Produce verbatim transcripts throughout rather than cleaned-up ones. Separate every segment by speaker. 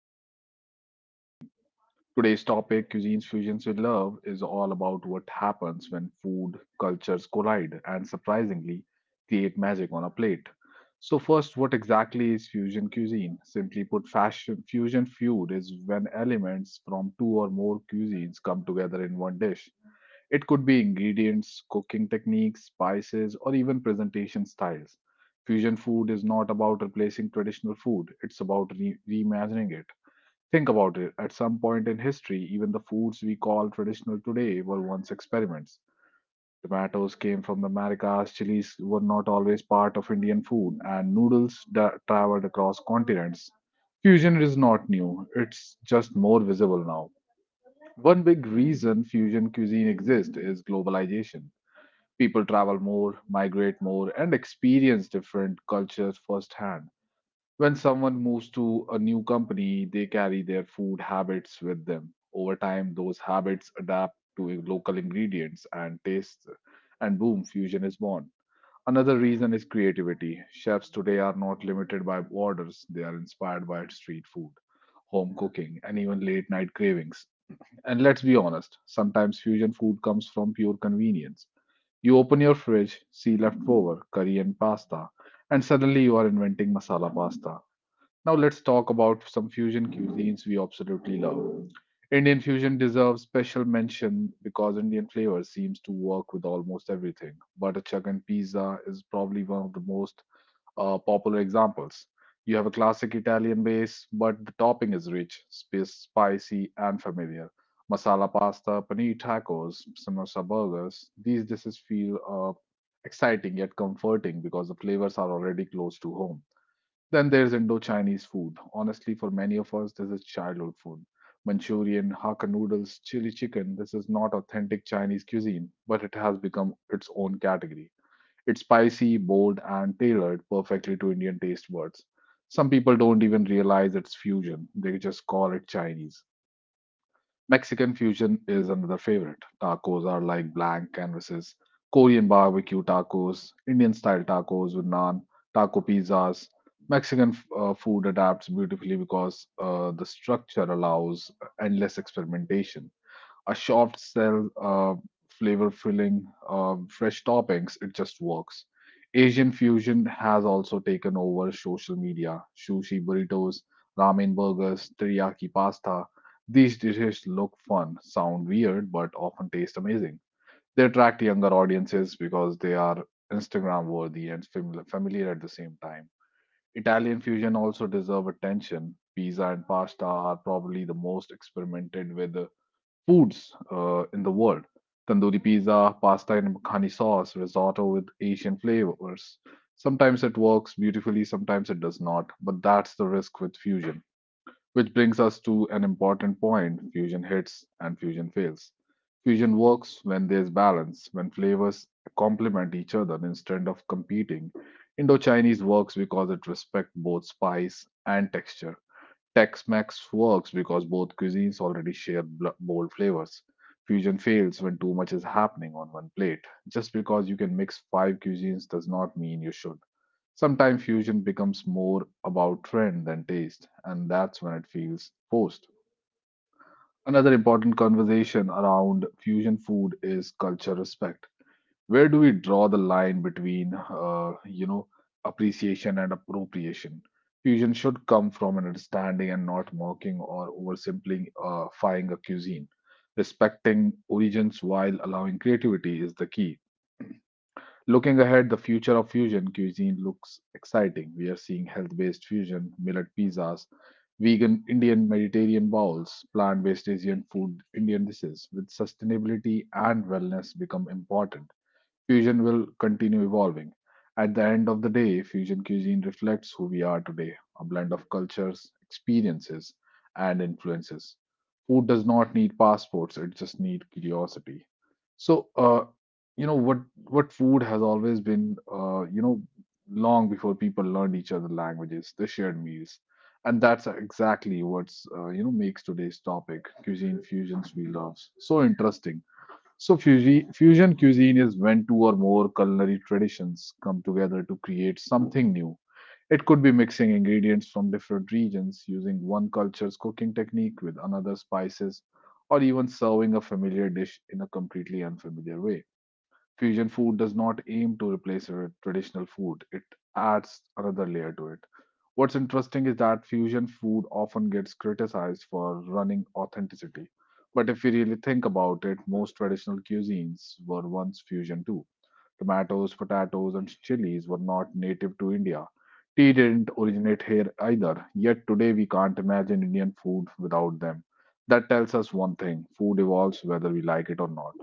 Speaker 1: pure experimentation. Today's topic, Cuisines Fusions with Love, is all about what happens when food cultures collide and surprisingly create magic on a plate. So, first, what exactly is fusion cuisine? Simply put, fashion, fusion food is when elements from two or more cuisines come together in one dish. It could be ingredients, cooking techniques, spices, or even presentation styles. Fusion food is not about replacing traditional food, it's about re- reimagining it. Think about it, at some point in history, even the foods we call traditional today were once experiments. Tomatoes came from the Americas, chilies were not always part of Indian food, and noodles da- traveled across continents. Fusion is not new, it's just more visible now. One big reason fusion cuisine exists is globalization. People travel more, migrate more, and experience different cultures firsthand. When someone moves to a new company, they carry their food habits with them. Over time, those habits adapt to local ingredients and tastes, and boom, fusion is born. Another reason is creativity. Chefs today are not limited by orders, they are inspired by street food, home cooking, and even late night cravings. And let's be honest, sometimes fusion food comes from pure convenience. You open your fridge, see leftover curry and pasta, and suddenly you are inventing masala pasta. Now let's talk about some fusion cuisines we absolutely love. Indian fusion deserves special mention because Indian flavor seems to work with almost everything. Butter chicken pizza is probably one of the most uh, popular examples. You have a classic Italian base, but the topping is rich, spi- spicy, and familiar. Masala pasta, paneer tacos, samosa burgers. These dishes feel uh, exciting yet comforting because the flavors are already close to home. Then there's Indo-Chinese food. Honestly, for many of us, this is childhood food. Manchurian, Hakka noodles, chili chicken. This is not authentic Chinese cuisine, but it has become its own category. It's spicy, bold, and tailored perfectly to Indian taste buds. Some people don't even realize it's fusion. They just call it Chinese. Mexican fusion is another favorite. Tacos are like blank canvases. Korean barbecue tacos, Indian style tacos with naan, taco pizzas. Mexican f- uh, food adapts beautifully because uh, the structure allows endless experimentation: a soft shell, uh, flavor filling, um, fresh toppings. It just works. Asian fusion has also taken over social media. Sushi burritos, ramen burgers, teriyaki pasta. These dishes look fun, sound weird, but often taste amazing. They attract younger audiences because they are Instagram worthy and famil- familiar at the same time. Italian fusion also deserve attention. Pizza and pasta are probably the most experimented with foods uh, in the world. Tandoori pizza, pasta in makhani sauce, risotto with Asian flavors. Sometimes it works beautifully, sometimes it does not, but that's the risk with fusion. Which brings us to an important point: fusion hits and fusion fails. Fusion works when there's balance, when flavors complement each other instead of competing. Indo Chinese works because it respects both spice and texture. Tex-Mex works because both cuisines already share bl- bold flavors. Fusion fails when too much is happening on one plate. Just because you can mix five cuisines does not mean you should. Sometimes fusion becomes more about trend than taste, and that's when it feels forced. Another important conversation around fusion food is culture respect. Where do we draw the line between uh, you know appreciation and appropriation? Fusion should come from an understanding and not mocking or oversimplifying uh, a cuisine. Respecting origins while allowing creativity is the key. Looking ahead, the future of fusion cuisine looks exciting. We are seeing health-based fusion: millet pizzas, vegan Indian Mediterranean bowls, plant-based Asian food, Indian dishes with sustainability and wellness become important. Fusion will continue evolving. At the end of the day, fusion cuisine reflects who we are today: a blend of cultures, experiences, and influences. Food does not need passports, it just needs curiosity. So, uh, you know what what food has always been, uh, you know, long before people learned each other languages, they shared meals, and that's exactly what's uh, you know makes today's topic, cuisine fusions we love, so interesting. So, fusion cuisine is when two or more culinary traditions come together to create something new. It could be mixing ingredients from different regions, using one culture's cooking technique with another spices, or even serving a familiar dish in a completely unfamiliar way. Fusion food does not aim to replace a traditional food, it adds another layer to it. What's interesting is that fusion food often gets criticized for running authenticity. But if we really think about it, most traditional cuisines were once fusion too. Tomatoes, potatoes, and chilies were not native to India. Tea didn't originate here either, yet today we can't imagine Indian food without them. That tells us one thing: food evolves whether we like it or not.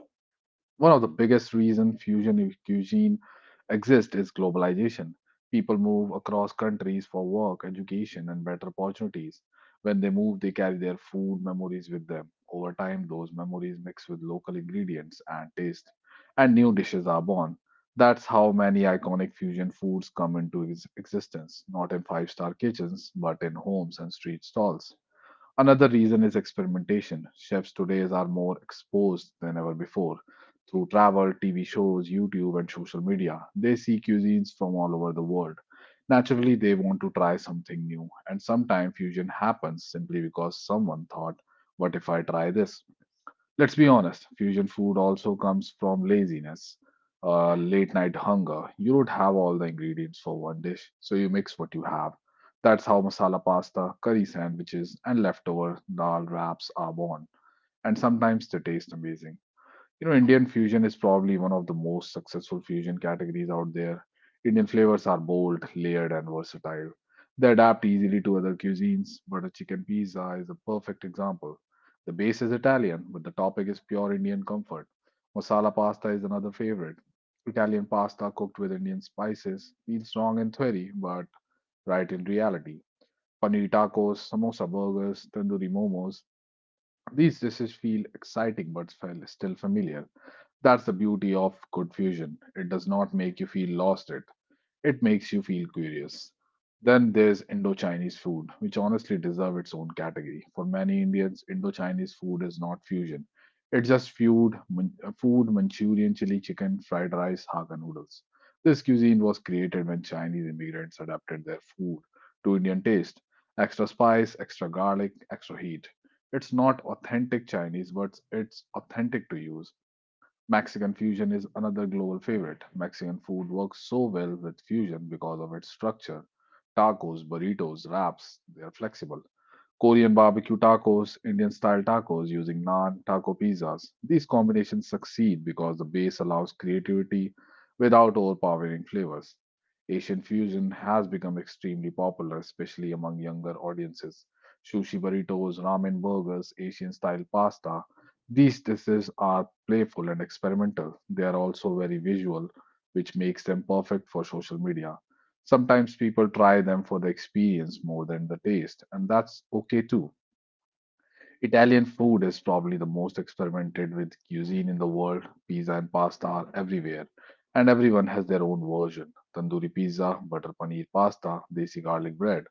Speaker 1: One of the biggest reasons fusion cuisine exists is globalization. People move across countries for work, education, and better opportunities. When they move, they carry their food memories with them. Over time, those memories mix with local ingredients and taste, and new dishes are born. That's how many iconic fusion foods come into ex- existence, not in five star kitchens, but in homes and street stalls. Another reason is experimentation. Chefs today are more exposed than ever before. Through travel, T V shows, YouTube, and social media, they see cuisines from all over the world. Naturally, they want to try something new, and sometimes fusion happens simply because someone thought, "What if I try this?" Let's be honest, fusion food also comes from laziness, uh, late night hunger. You don't have all the ingredients for one dish, so you mix what you have. That's how masala pasta, curry sandwiches, and leftover dal wraps are born. And sometimes they taste amazing. You know, Indian fusion is probably one of the most successful fusion categories out there. Indian flavors are bold, layered, and versatile. They adapt easily to other cuisines, but a chicken pizza is a perfect example. The base is Italian, but the topping is pure Indian comfort. Masala pasta is another favorite. Italian pasta cooked with Indian spices feels strong in theory, but right in reality. Paneer tacos, samosa burgers, tandoori momos. These dishes feel exciting but fel- still familiar. That's the beauty of good fusion. It does not make you feel lost it. It makes you feel curious. Then there's Indo-Chinese food, which honestly deserve its own category. For many Indians, Indo-Chinese food is not fusion. It's just food, food, Manchurian chili chicken, fried rice, Hakka noodles. This cuisine was created when Chinese immigrants adapted their food to Indian taste. Extra spice, extra garlic, extra heat. It's not authentic Chinese, but it's authentic to use. Mexican fusion is another global favorite. Mexican food works so well with fusion because of its structure. Tacos, burritos, wraps, they are flexible. Korean barbecue tacos, Indian style tacos using naan, taco pizzas. These combinations succeed because the base allows creativity without overpowering flavors. Asian fusion has become extremely popular, especially among younger audiences. Sushi burritos, ramen burgers, Asian style pasta. These dishes are playful and experimental. They are also very visual, which makes them perfect for social media. Sometimes people try them for the experience more than the taste, and that's okay too. Italian food is probably the most experimented with cuisine in the world. Pizza and pasta are everywhere, and everyone has their own version. Tandoori pizza, butter paneer pasta, desi garlic bread.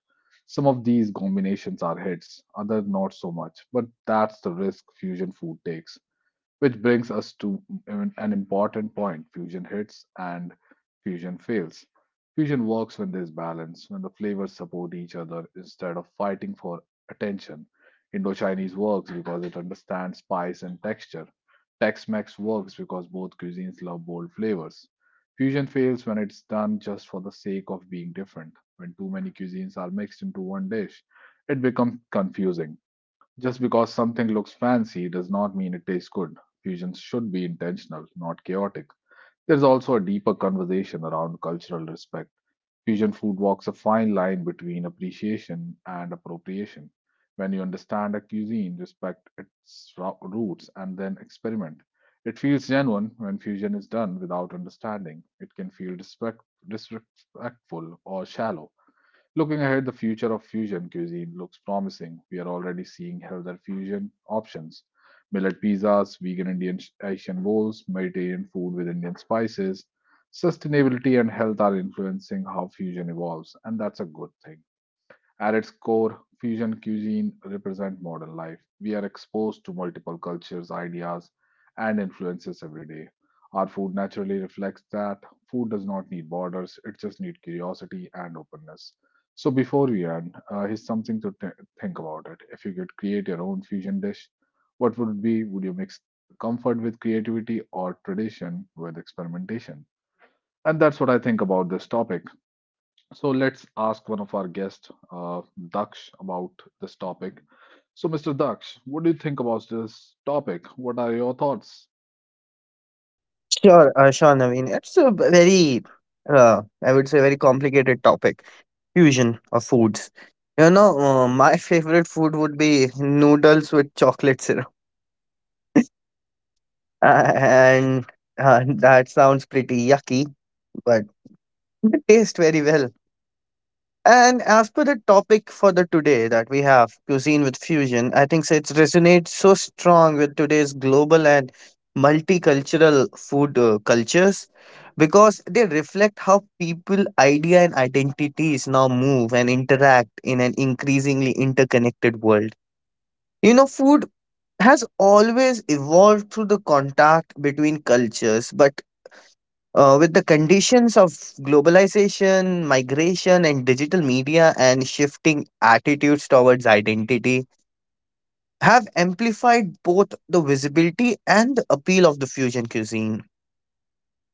Speaker 1: Some of these combinations are hits, others not so much, but that's the risk fusion food takes. Which brings us to an an important point: fusion hits and fusion fails. Fusion works when there's balance, when the flavors support each other instead of fighting for attention. Indo Chinese works because it understands spice and texture. Tex Mex works because both cuisines love bold flavors. Fusion fails when it's done just for the sake of being different. When too many cuisines are mixed into one dish, it becomes confusing. Just because something looks fancy does not mean it tastes good. Fusions should be intentional, not chaotic. There's also a deeper conversation around cultural respect. Fusion food walks a fine line between appreciation and appropriation. When you understand a cuisine, respect its ro- roots, and then experiment, it feels genuine. When fusion is done without understanding, it can feel disrespect- disrespectful or shallow. Looking ahead, the future of fusion cuisine looks promising. We are already seeing healthier fusion options, millet pizzas, vegan Indian sh- Asian bowls, Mediterranean food with Indian spices. Sustainability and health are influencing how fusion evolves, and that's a good thing. At its core, fusion cuisine represents modern life. We are exposed to multiple cultures, ideas, and influences every day. Our food naturally reflects that. Food does not need borders, it just needs curiosity and openness. So, before we end, uh, here's something to th- think about it. If you could create your own fusion dish, what would it be? Would you mix comfort with creativity or tradition with experimentation? And that's what I think about this topic. So let's ask one of our guests, uh, Daksh, about this topic. So, mister Daksh, what do you think about this topic? What are your thoughts?
Speaker 2: Sure, uh, sure, Naveen. It's a b- very, uh, I would say, very complicated topic. Fusion of foods. You know, uh, my favorite food would be noodles with chocolate syrup, uh, and uh, that sounds pretty yucky, but it tastes very well. And as per the topic for the today that we have, cuisine with fusion, I think so it resonates so strong with today's global and multicultural food uh, cultures because they reflect how people, idea, and identities now move and interact in an increasingly interconnected world. You know, food has always evolved through the contact between cultures, but uh, with the conditions of globalization, migration, and digital media, and shifting attitudes towards identity, have amplified both the visibility and the appeal of the fusion cuisine.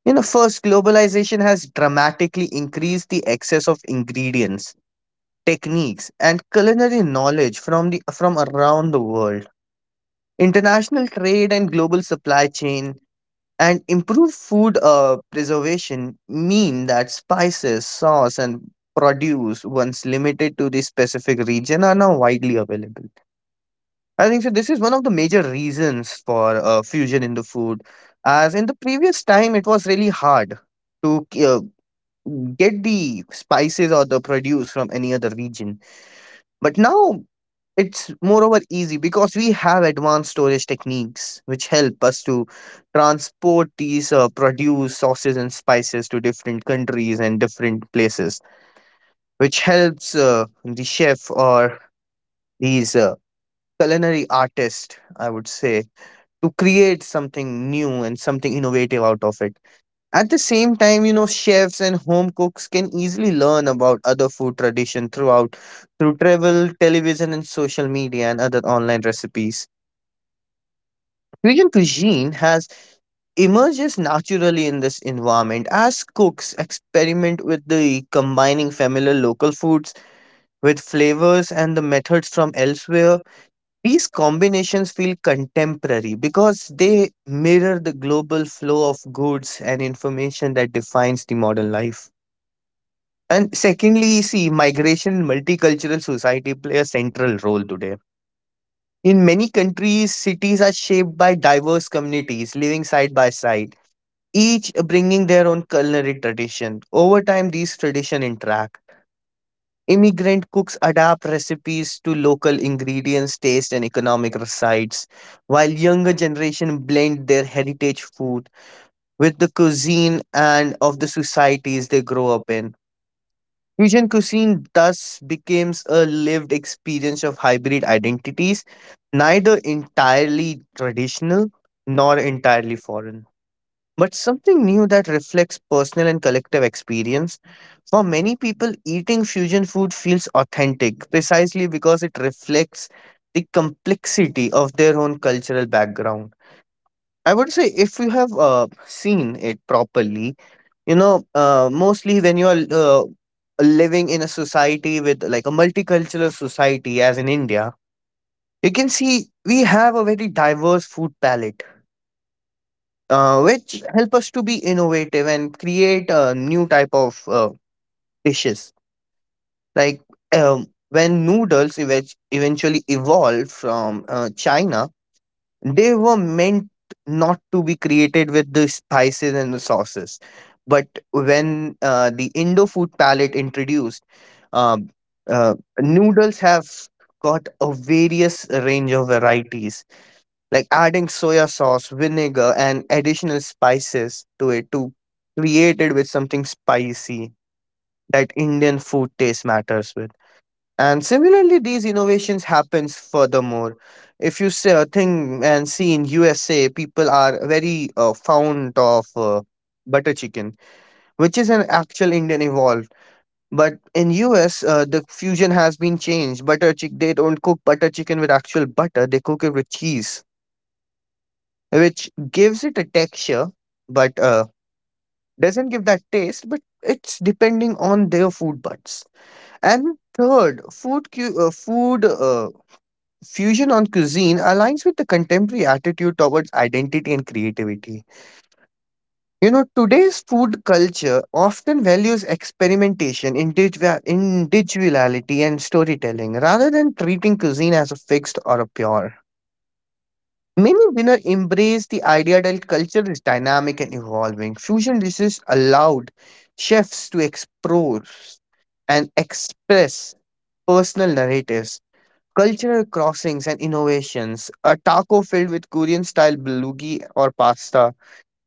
Speaker 2: You know, first, globalization has dramatically increased the access of ingredients, techniques, and culinary knowledge from the from around the world. International trade and global supply chain and improved food uh, preservation mean that spices, sauce, and produce once limited to the specific region are now widely available. I think so. This is one of the major reasons for uh, fusion in the food, as in the previous time it was really hard to uh, get the spices or the produce from any other region. But now it's moreover easy because we have advanced storage techniques which help us to transport these uh, produce, sauces, and spices to different countries and different places, which helps uh, the chef or these uh, culinary artists, I would say, to create something new and something innovative out of it. At the same time, you know, chefs and home cooks can easily learn about other food tradition throughout through travel, television, and social media and other online recipes. Korean cuisine has emerges naturally in this environment as cooks experiment with the combining familiar local foods with flavors and the methods from elsewhere. These combinations feel contemporary because they mirror the global flow of goods and information that defines the modern life. And secondly, see migration in multicultural society play a central role today. In many countries cities are shaped by diverse communities living side by side, each bringing their own culinary tradition. Over time, these traditions interact. Immigrant cooks adapt recipes to local ingredients, taste, and economic sites, while younger generation blend their heritage food with the cuisine and of the societies they grow up in. Fusion cuisine thus becomes a lived experience of hybrid identities, neither entirely traditional nor entirely foreign but something new that reflects personal and collective experience. For many people, eating fusion food feels authentic precisely because it reflects the complexity of their own cultural background. I would say if you have uh, seen it properly, you know, uh, mostly when you are uh, living in a society with like a multicultural society, as in India, you can see we have a very diverse food palette uh, which help us to be innovative and create a new type of uh, dishes. Like um, when noodles event- eventually evolved from uh, China, they were meant not to be created with the spices and the sauces. But when uh, the Indo food palette introduced, um, uh, noodles have got a various range of varieties like adding soya sauce, vinegar, and additional spices to it to create it with something spicy that Indian food taste matters with. And similarly, these innovations happens furthermore. If you see a thing and see in U S A, people are very uh, fond of uh, butter chicken, which is an actual Indian evolved. But in U S, uh, the fusion has been changed. Butter chick They don't cook butter chicken with actual butter; they cook it with cheese, which gives it a texture, but uh, doesn't give that taste. But it's depending on their food buds. And third, food cu- uh, food uh, fusion on cuisine aligns with the contemporary attitude towards identity and creativity. You know, today's food culture often values experimentation, individua- individuality, and storytelling rather than treating cuisine as a fixed or a pure. Many dinners embrace the idea that culture is dynamic and evolving. Fusion dishes allowed chefs to explore and express personal narratives, cultural crossings, and innovations. A taco filled with Korean style bulgogi or pasta,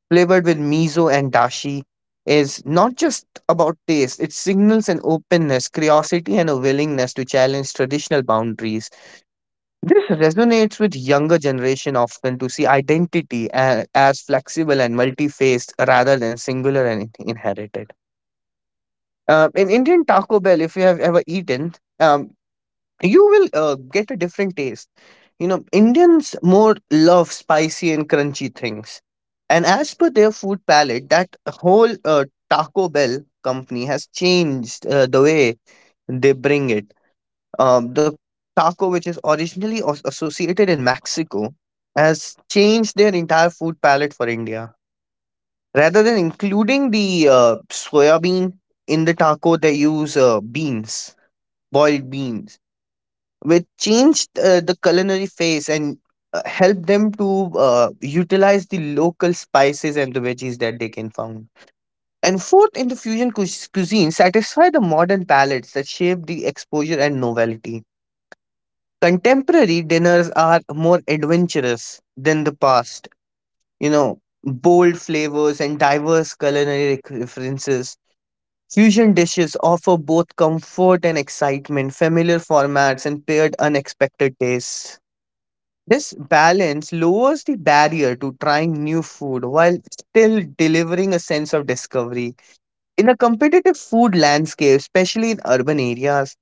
Speaker 2: flavored with miso and dashi, is not just about taste, it signals an openness, curiosity, and a willingness to challenge traditional boundaries. This resonates with younger generation often to see identity a- as flexible and multi-faced rather than singular and in- inherited. Uh, in Indian Taco Bell, if you have ever eaten, um, you will uh, get a different taste. You know, Indians more love spicy and crunchy things, and as per their food palate, that whole uh, Taco Bell company has changed uh, the way they bring it um, the taco, which is originally as- associated in Mexico, has changed their entire food palette for India. Rather than including the uh, soya bean in the taco, they use uh, beans, boiled beans, which changed uh, the culinary face and uh, helped them to uh, utilize the local spices and the veggies that they can find. And fourth, in the fusion cuis- cuisine, satisfy the modern palates that shape the exposure and novelty. Contemporary dinners are more adventurous than the past. You know, bold flavors and diverse culinary rec- references. Fusion dishes offer both comfort and excitement, familiar formats, and paired unexpected tastes. This balance lowers the barrier to trying new food while still delivering a sense of discovery. In a competitive food landscape, especially in urban areas,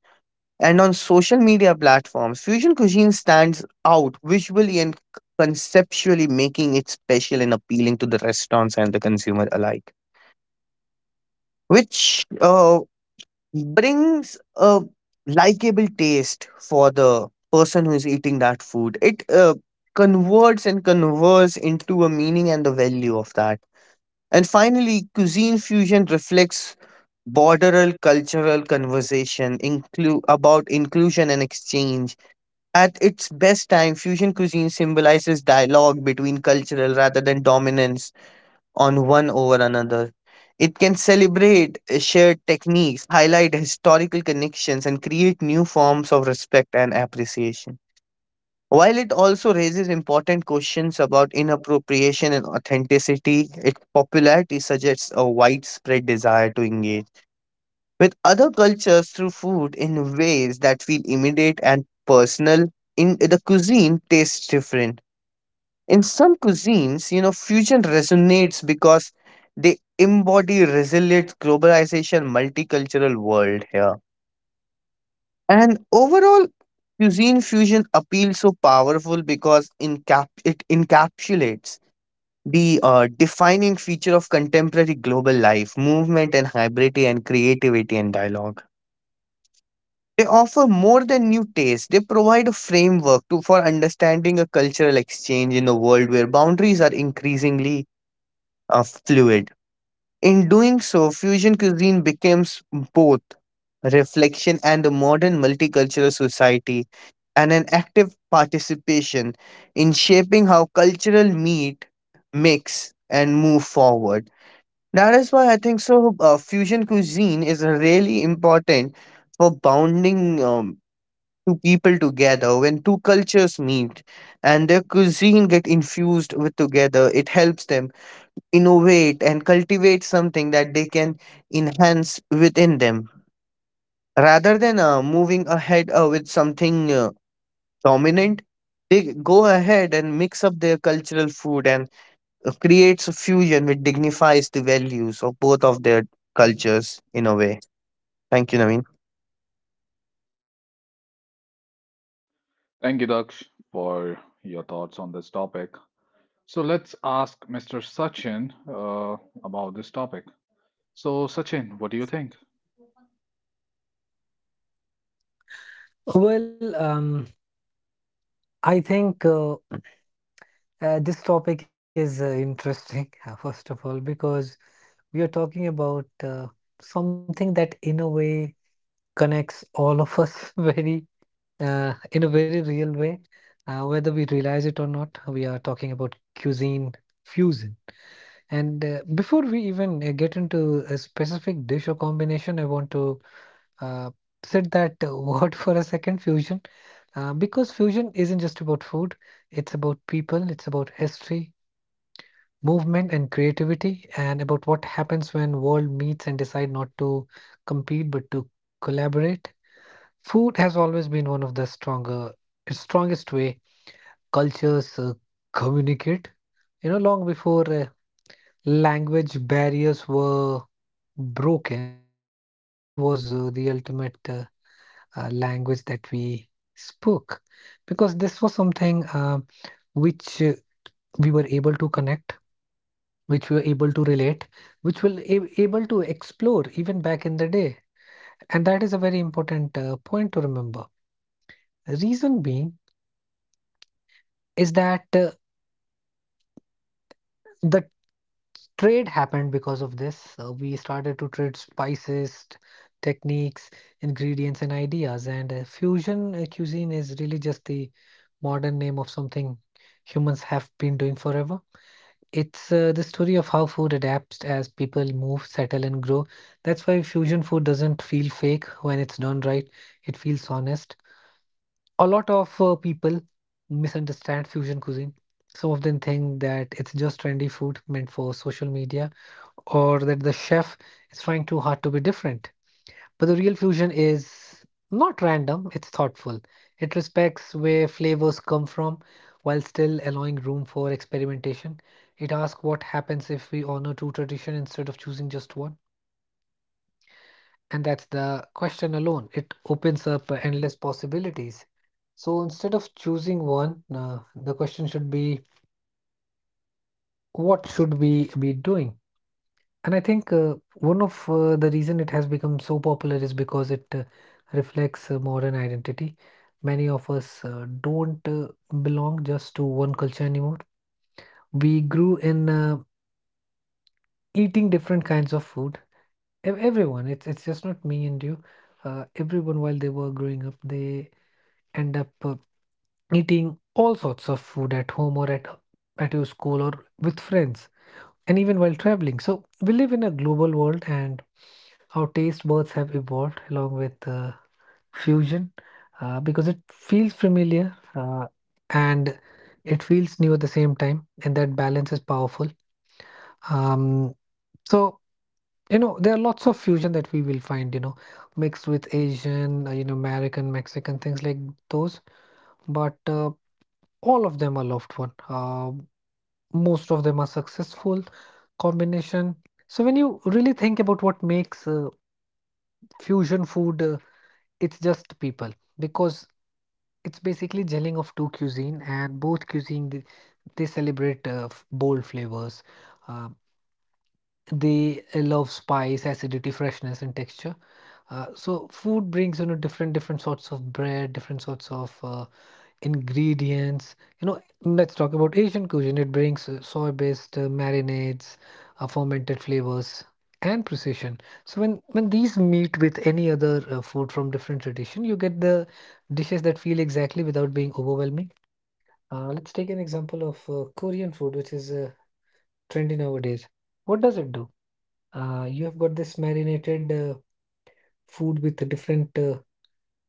Speaker 2: and on social media platforms, fusion cuisine stands out visually and conceptually, making it special and appealing to the restaurants and the consumer alike, which uh, brings a likable taste for the person who is eating that food. It uh, converts and converts into a meaning and the value of that. And finally, cuisine fusion reflects borderal cultural conversation inclu- about inclusion and exchange. At its best time, fusion cuisine symbolizes dialogue between cultural rather than dominance on one over another. It can celebrate uh, shared techniques, highlight historical connections, and create new forms of respect and appreciation. While it also raises important questions about inappropriation and authenticity, its popularity suggests a widespread desire to engage with other cultures through food in ways that feel immediate and personal. In the cuisine tastes different. In some cuisines, you know, fusion resonates because they embody resilient globalization, multicultural world here. And overall, cuisine fusion appeals so powerful because encap- it encapsulates the uh, defining feature of contemporary global life, movement and hybridity and creativity and dialogue. They offer more than new tastes. They provide a framework to for understanding a cultural exchange in a world where boundaries are increasingly uh, fluid. In doing so, fusion cuisine becomes both reflection and a modern multicultural society and an active participation in shaping how cultural meet, mix, and move forward. That is why I think so. Uh, fusion cuisine is really important for bounding. Um, two people together when two cultures meet and their cuisine get infused with together it helps them innovate and cultivate something that they can enhance within them rather than uh, moving ahead uh, with something uh, dominant. They go ahead and mix up their cultural food and uh, creates a fusion which dignifies the values of both of their cultures in a way. Thank you, Naveen.
Speaker 1: Thank you, Daksh, for your thoughts on this topic. So, let's ask mister Sachin uh, about this topic. So, Sachin, what do you think?
Speaker 3: Well, um, I think uh, uh, this topic is uh, interesting, uh, first of all, because we are talking about uh, something that, in a way, connects all of us very, uh, in a very real way. Uh, whether we realize it or not, we are talking about cuisine fusion. And uh, before we even uh, get into a specific dish or combination, I want to uh, sit that uh, word for a second, fusion. Uh, because fusion isn't just about food, it's about people, it's about history, movement, and creativity, and about what happens when world meets and decide not to compete but to collaborate. Food has always been one of the stronger, strongest way cultures uh, communicate. You know, long before uh, language barriers were broken, food was uh, the ultimate uh, uh, language that we spoke, because this was something. Um, which uh, we were able to connect, which we were able to relate, which we were ab- able to explore even back in the day. And that is a very important uh, point to remember. Reason being is that uh, the trade happened because of this. Uh, we started to trade spices, techniques, ingredients, and ideas. And uh, fusion uh, cuisine is really just the modern name of something humans have been doing forever. It's uh, the story of how food adapts as people move, settle, and grow. That's why fusion food doesn't feel fake when it's done right, it feels honest. A lot of uh, people misunderstand fusion cuisine. Some of them think that it's just trendy food meant for social media or that the chef is trying too hard to be different. But the real fusion is not random, it's thoughtful. It respects where flavors come from while still allowing room for experimentation. It asks what happens if we honor two traditions instead of choosing just one. And that's the question alone. It opens up endless possibilities. So instead of choosing one, uh, the question should be, what should we be doing? And I think uh, one of uh, the reason it has become so popular is because it uh, reflects uh, modern identity. Many of us uh, don't uh, belong just to one culture anymore. We grew in uh, eating different kinds of food. Ev- Everyone, it's it's just not me and you. Uh, everyone, while they were growing up, they end up uh, eating all sorts of food at home or at at your school or with friends and even while traveling. So we live in a global world, and our taste buds have evolved along with uh, fusion uh, because it feels familiar uh, and it feels new at the same time, and that balance is powerful. Um, so you know there are lots of fusion that we will find, you know, mixed with Asian, uh, you know, American, Mexican things like those, but uh, all of them are loved one. Uh, most of them are successful combination. So when you really think about what makes uh, fusion food uh, it's just people because it's basically gelling of two cuisine and both cuisine they, they celebrate uh, f- bold flavors uh, they uh, love spice acidity freshness and texture, uh, so food brings you know different different sorts of bread different sorts of uh, ingredients. You know, let's talk about Asian cuisine. It brings uh, soy-based uh, marinades, uh, fermented flavors, and precision. So when when these meet with any other uh, food from different tradition, you get the dishes that feel exactly without being overwhelming. Uh, let's take an example of uh, Korean food, which is uh, trendy nowadays. What does it do? Uh, you have got this marinated uh, food with a different uh,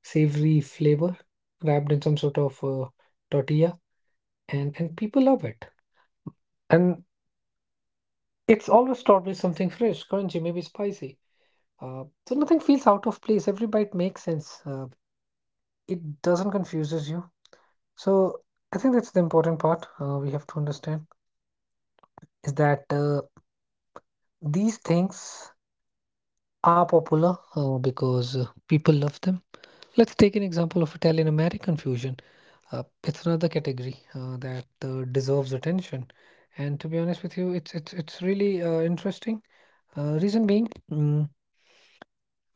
Speaker 3: savory flavor wrapped in some sort of uh, tortilla, and and people love it. And it's always taught me something fresh, crunchy, maybe spicy. Uh, so nothing feels out of place. Every bite makes sense. Uh, it doesn't confuses you. So I think that's the important part uh, we have to understand is that uh, these things are popular uh, because uh, people love them. Let's take an example of Italian American fusion. Uh, it's another category uh, that uh, deserves attention. And to be honest with you, it's it's it's really uh, interesting. Uh, reason being. mm,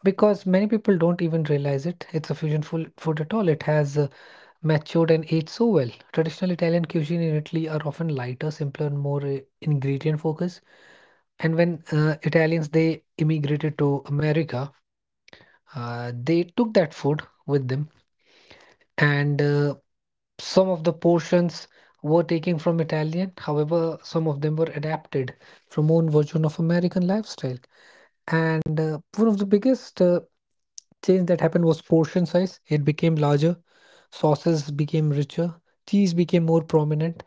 Speaker 3: because many people don't even realize it. It's a fusion food, food at all. It has uh, matured and aged so well. Traditional Italian cuisine in Italy are often lighter, simpler, and more uh, ingredient focused. And when uh, Italians they immigrated to America, uh, they took that food with them, and uh, some of the portions were taken from Italian, however, some of them were adapted from own version of American lifestyle. And uh, one of the biggest uh, change that happened was portion size. It became larger, sauces became richer, cheese became more prominent,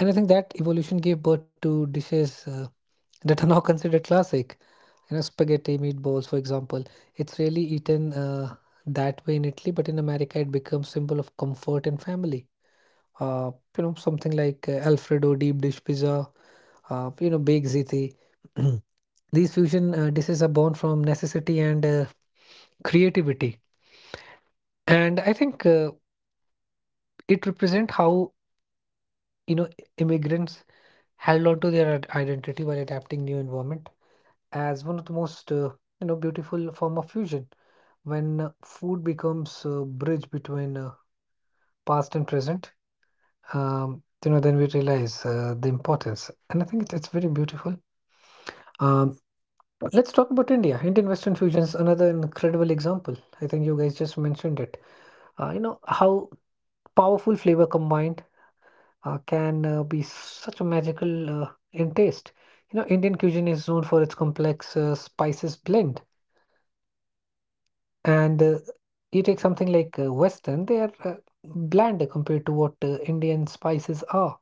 Speaker 3: and I think that evolution gave birth to dishes uh, that are now considered classic. You know, spaghetti, meatballs, for example. It's really eaten uh, that way in Italy, but in America, it becomes symbol of comfort and family, uh, you know something like uh, alfredo deep dish pizza, uh, you know big ziti. These fusion uh, dishes are born from necessity and uh, creativity, and I think uh, it represents how, you know, immigrants held on to their i- identity while adapting new environment as one of the most uh, you know beautiful form of fusion. When uh, food becomes a bridge between uh, past and present, um, you know, then we realize uh, the importance, and I think it's, it's very beautiful. Um, let's talk about India. Indian Western fusion is another incredible example. I think you guys just mentioned it. Uh, you know how powerful flavor combined uh, can uh, be such a magical uh, in taste. You know, Indian cuisine is known for its complex uh, spices blend, and uh, you take something like uh, Western, they are uh, bland compared to what uh, Indian spices are.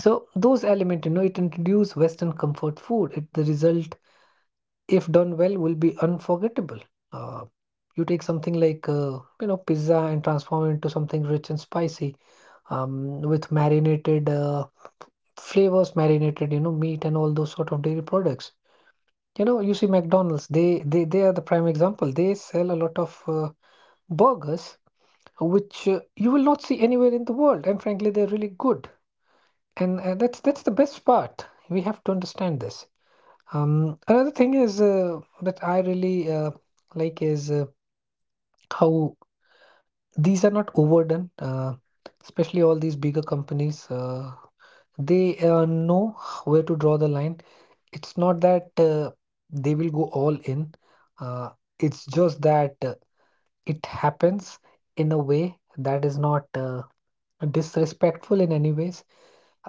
Speaker 3: So those elements, you know, it introduced Western comfort food. It the result, if done well, will be unforgettable. Uh, you take something like uh, you know pizza and transform it into something rich and spicy, um, with marinated uh, flavors, marinated you know meat and all those sort of dairy products. You know, you see McDonald's. They they they are the prime example. They sell a lot of uh, burgers, which uh, you will not see anywhere in the world, and frankly, they're really good. And uh, that's that's the best part. We have to understand this. Um, another thing is uh, that I really uh, like is uh, how these are not overdone, uh, especially all these bigger companies. Uh, they uh, know where to draw the line. It's not that uh, they will go all in. Uh, it's just that uh, it happens in a way that is not uh, disrespectful in any ways.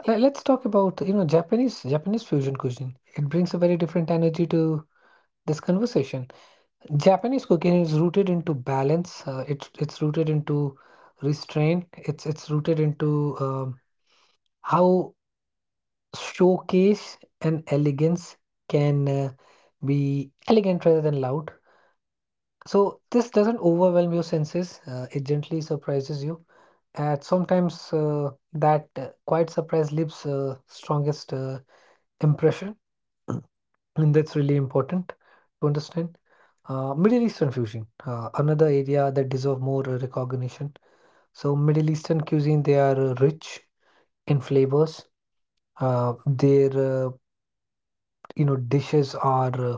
Speaker 3: Let- Let's talk about, you know, Japanese Japanese fusion cuisine. It brings a very different energy to this conversation. Japanese cooking is rooted into balance. Uh, it's it's rooted into restraint. It's it's rooted into um, how showcase and elegance can uh, be elegant rather than loud. So this doesn't overwhelm your senses. Uh, it gently surprises you. And sometimes uh, that uh, quiet surprise leaves uh, strongest uh, impression. And that's really important to understand. Uh, Middle Eastern fusion, uh, another area that deserve more uh, recognition. So Middle Eastern cuisine, they are uh, rich in flavors. Uh, their uh, you know dishes are uh,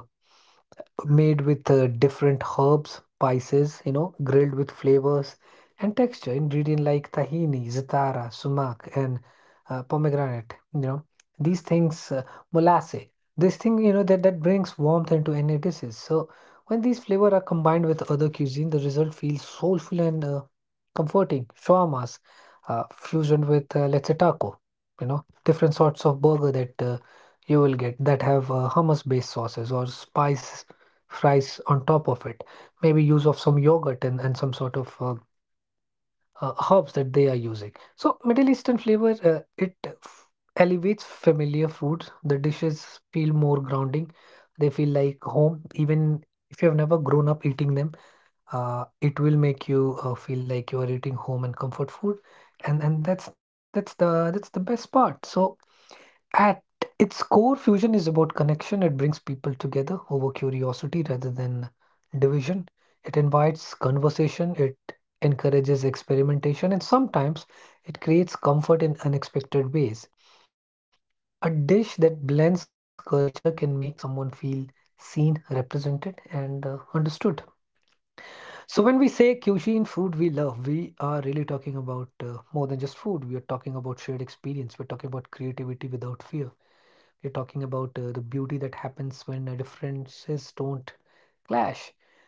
Speaker 3: made with uh, different herbs, spices, you know, grilled with flavors and texture. Ingredient like tahini, zatara, sumac, and uh, pomegranate. You know, these things, uh, molasse. This thing, you know, that that brings warmth into any dishes. So when these flavor are combined with other cuisine, the result feels soulful and uh, comforting. Shawarmas, uh, fusion with uh, let's say taco. You know, different sorts of burger that. Uh, you will get that have uh, hummus based sauces or spice fries on top of it, maybe use of some yogurt and, and some sort of uh, uh, herbs that they are using. So middle eastern flavor, uh, it f- elevates familiar foods. The dishes feel more grounding, they feel like home even if you have never grown up eating them. Uh, it will make you uh, feel like you are eating home and comfort food. And and that's that's the that's the best part. So at its core, fusion is about connection. It brings people together over curiosity rather than division. It invites conversation, it encourages experimentation, and sometimes it creates comfort in unexpected ways. A dish that blends culture can make someone feel seen, represented, and uh, understood. So, when we say cuisine, food we love, we are really talking about uh, more than just food. We are talking about shared experience, we're talking about creativity without fear. You're talking about uh, the beauty that happens when uh, differences don't clash.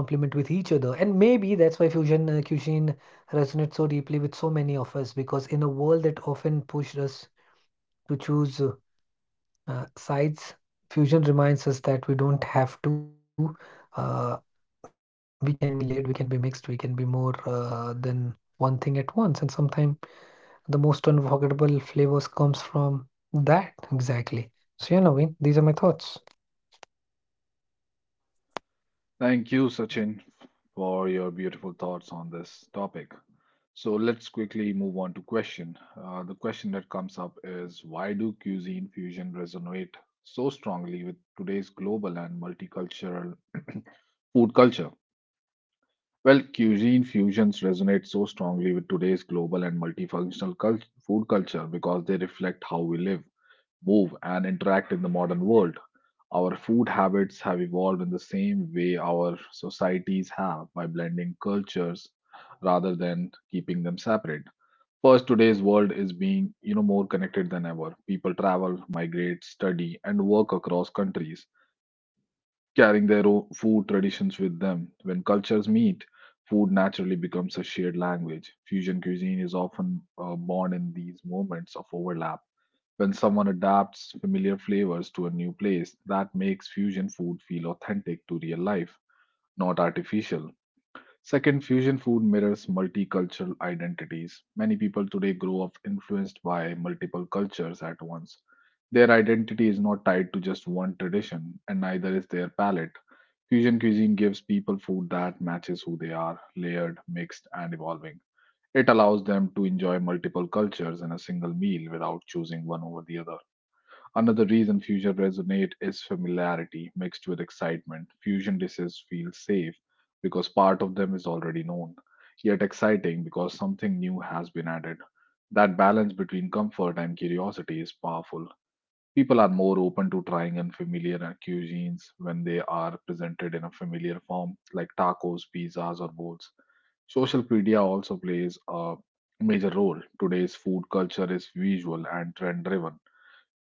Speaker 3: They complement with each other. And maybe that's why fusion uh, cuisine resonates so deeply with so many of us because in a world that often pushed us to choose uh, uh, sides, fusion reminds us that we don't have to. Uh, we can be layered, we can be mixed, we can be more uh, than one thing at once. And sometimes the most unforgettable flavors comes from that exactly. So yeah, Naveen, these are my thoughts.
Speaker 1: Thank you, Sachin, for your beautiful thoughts on this topic. So let's quickly move on to question. Uh, the question that comes up is, why do cuisine fusion resonate so strongly with today's global and multicultural food culture? Well, cuisine fusions resonate so strongly with today's global and multifunctional cult- food culture because they reflect how we live, move, and interact in the modern world. Our food habits have evolved in the same way our societies have, by blending cultures rather than keeping them separate. First, today's world is being, you know, more connected than ever. People travel, migrate, study, and work across countries, carrying their own food traditions with them. When cultures meet, food naturally becomes a shared language. Fusion cuisine is often uh, born in these moments of overlap, when someone adapts familiar flavors to a new place. That makes fusion food feel authentic to real life, not artificial. Second, fusion food mirrors multicultural identities. Many people today grow up influenced by multiple cultures at once. Their identity is not tied to just one tradition, and neither is their palate. Fusion cuisine gives people food that matches who they are, layered, mixed, and evolving. It allows them to enjoy multiple cultures in a single meal without choosing one over the other. Another reason fusion resonates is familiarity mixed with excitement. Fusion dishes feel safe because part of them is already known, yet exciting because something new has been added. That balance between comfort and curiosity is powerful. People are more open to trying unfamiliar cuisines when they are presented in a familiar form, like tacos, pizzas, or bowls. Social media also plays a major role. Today's food culture is visual and trend driven.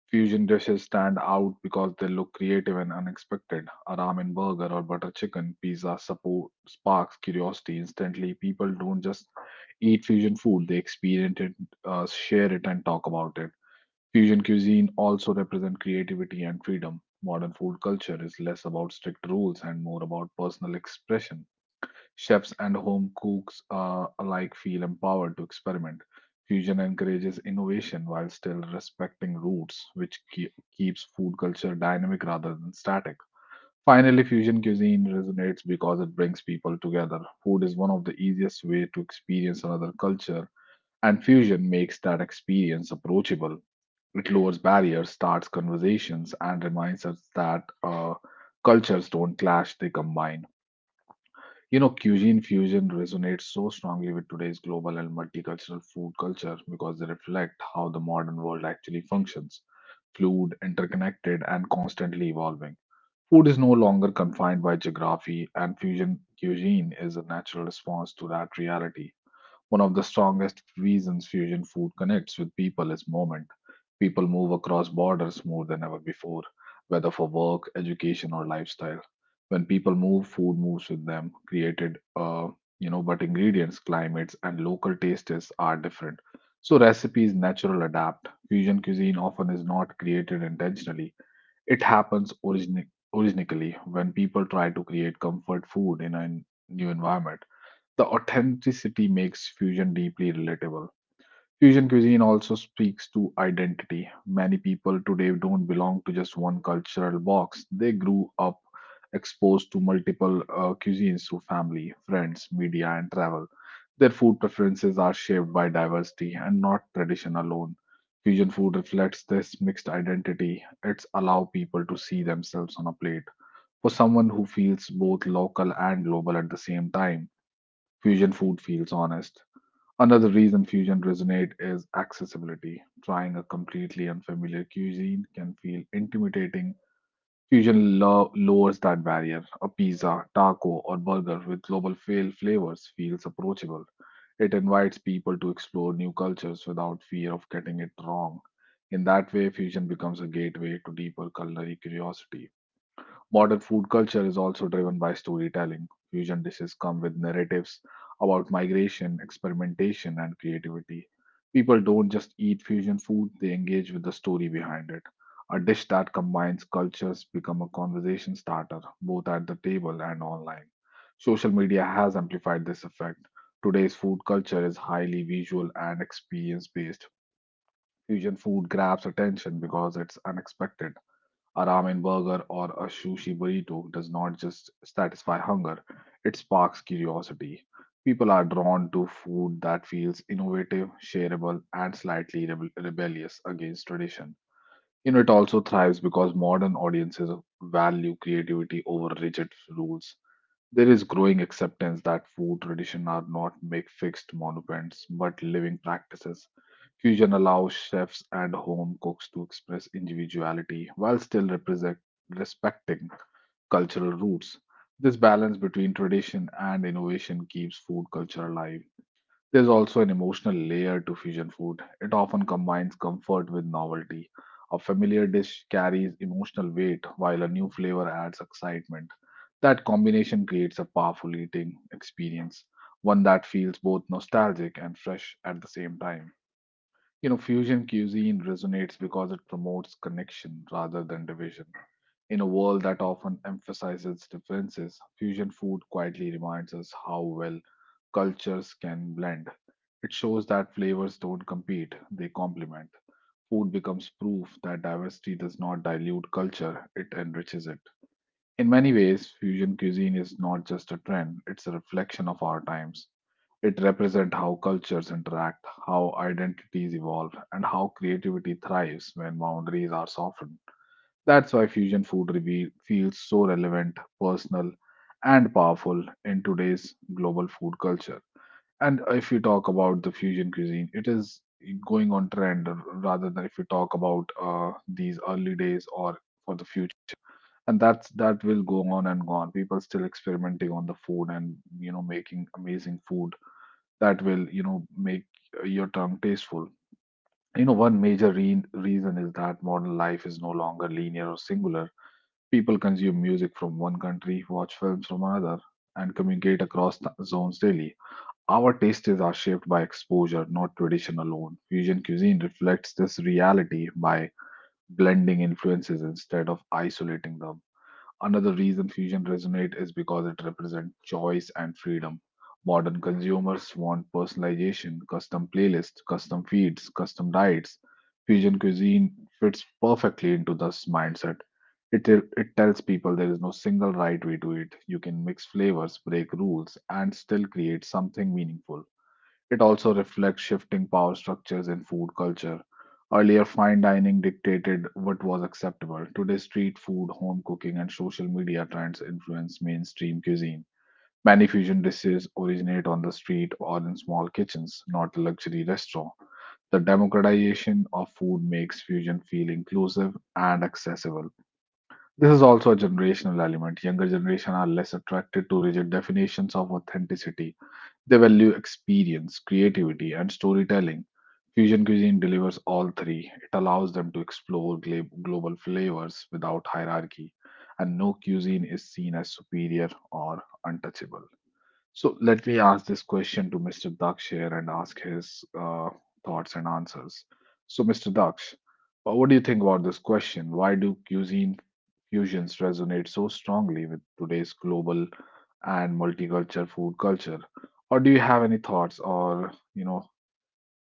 Speaker 1: Fusion dishes stand out because they look creative and unexpected. A ramen burger or butter chicken pizza support, sparks curiosity instantly. People don't just eat fusion food, they experience it, uh, share it, and talk about it. Fusion cuisine also represents creativity and freedom. Modern food culture is less about strict rules and more about personal expression. Chefs and home cooks uh, alike feel empowered to experiment. Fusion encourages innovation while still respecting roots, which ke- keeps food culture dynamic rather than static. Finally, fusion cuisine resonates because it brings people together. Food is one of the easiest ways to experience another culture, and fusion makes that experience approachable. It lowers barriers, starts conversations, and reminds us that uh, cultures don't clash, they combine. You know, cuisine fusion resonates so strongly with today's global and multicultural food culture because they reflect how the modern world actually functions: fluid, interconnected, and constantly evolving. Food is no longer confined by geography, and fusion cuisine is a natural response to that reality. One of the strongest reasons fusion food connects with people is moment. People move across borders more than ever before, whether for work, education, or lifestyle. When people move, food moves with them, created, uh, you know, but ingredients, climates, and local tastes are different. So recipes natural adapt. Fusion cuisine often is not created intentionally. It happens origin- originally when people try to create comfort food in a new environment. The authenticity makes fusion deeply relatable. Fusion cuisine also speaks to identity. Many people today don't belong to just one cultural box. They grew up exposed to multiple uh, cuisines through family, friends, media, and travel. Their food preferences are shaped by diversity and not tradition alone. Fusion food reflects this mixed identity. It's allow people to see themselves on a plate. For someone who feels both local and global at the same time, fusion food feels honest. Another reason fusion resonates is accessibility. Trying a completely unfamiliar cuisine can feel intimidating. Fusion lo- lowers that barrier. A pizza, taco, or burger with global fail flavors feels approachable. It invites people to explore new cultures without fear of getting it wrong. In that way, fusion becomes a gateway to deeper culinary curiosity. Modern food culture is also driven by storytelling. Fusion dishes come with narratives about migration, experimentation, and creativity. People don't just eat fusion food, they engage with the story behind it. A dish that combines cultures become a conversation starter, both at the table and online. Social media has amplified this effect. Today's food culture is highly visual and experience based. Fusion food grabs attention because it's unexpected. A ramen burger or a sushi burrito does not just satisfy hunger, it sparks curiosity. People are drawn to food that feels innovative, shareable, and slightly rebel- rebellious against tradition. You know, it also thrives because modern audiences value creativity over rigid rules. There is growing acceptance that food traditions are not make fixed monuments but living practices. Fusion allows chefs and home cooks to express individuality while still represent, respecting cultural roots. This balance between tradition and innovation keeps food culture alive. There's also an emotional layer to fusion food. It often combines comfort with novelty. A familiar dish carries emotional weight, while a new flavor adds excitement. That combination creates a powerful eating experience, one that feels both nostalgic and fresh at the same time. You know, fusion cuisine resonates because it promotes connection rather than division. In a world that often emphasizes differences, fusion food quietly reminds us how well cultures can blend. It shows that flavors don't compete, they complement. Food becomes proof that diversity does not dilute culture, it enriches it. In many ways, fusion cuisine is not just a trend, it's a reflection of our times. It represents how cultures interact, how identities evolve, and how creativity thrives when boundaries are softened. That's why fusion food reveal, feels so relevant, personal, and powerful in today's global food culture. And if you talk about the fusion cuisine, it is going on trend rather than if you talk about uh, these early days or for the future, and that's, that will go on and go on. People still experimenting on the food and, you know, making amazing food that will, you know, make uh, your tongue tasteful. You know, one major re- reason is that modern life is no longer linear or singular. People consume music from one country, watch films from another, and communicate across th- zones daily. Our tastes are shaped by exposure, not tradition alone. Fusion cuisine reflects this reality by blending influences instead of isolating them. Another reason fusion resonates is because it represents choice and freedom. Modern consumers want personalization, custom playlists, custom feeds, custom diets. Fusion cuisine fits perfectly into this mindset. It, it tells people there is no single right way to eat. You can mix flavors, break rules, and still create something meaningful. It also reflects shifting power structures in food culture. Earlier, fine dining dictated what was acceptable. Today, street food, home cooking, and social media trends influence mainstream cuisine. Many fusion dishes originate on the street or in small kitchens, not a luxury restaurant. The democratization of food makes fusion feel inclusive and accessible. This is also a generational element. Younger generation are less attracted to rigid definitions of authenticity. They value experience, creativity, and storytelling. Fusion cuisine delivers all three. It allows them to explore gla- global flavors without hierarchy, and no cuisine is seen as superior or untouchable. So let me ask this question to mister Daksh here and ask his uh, thoughts and answers. So, mister Daksh, uh, what do you think about this question? Why do cuisine fusions resonate so strongly with today's global and multicultural food culture? Or do you have any thoughts, or, you know,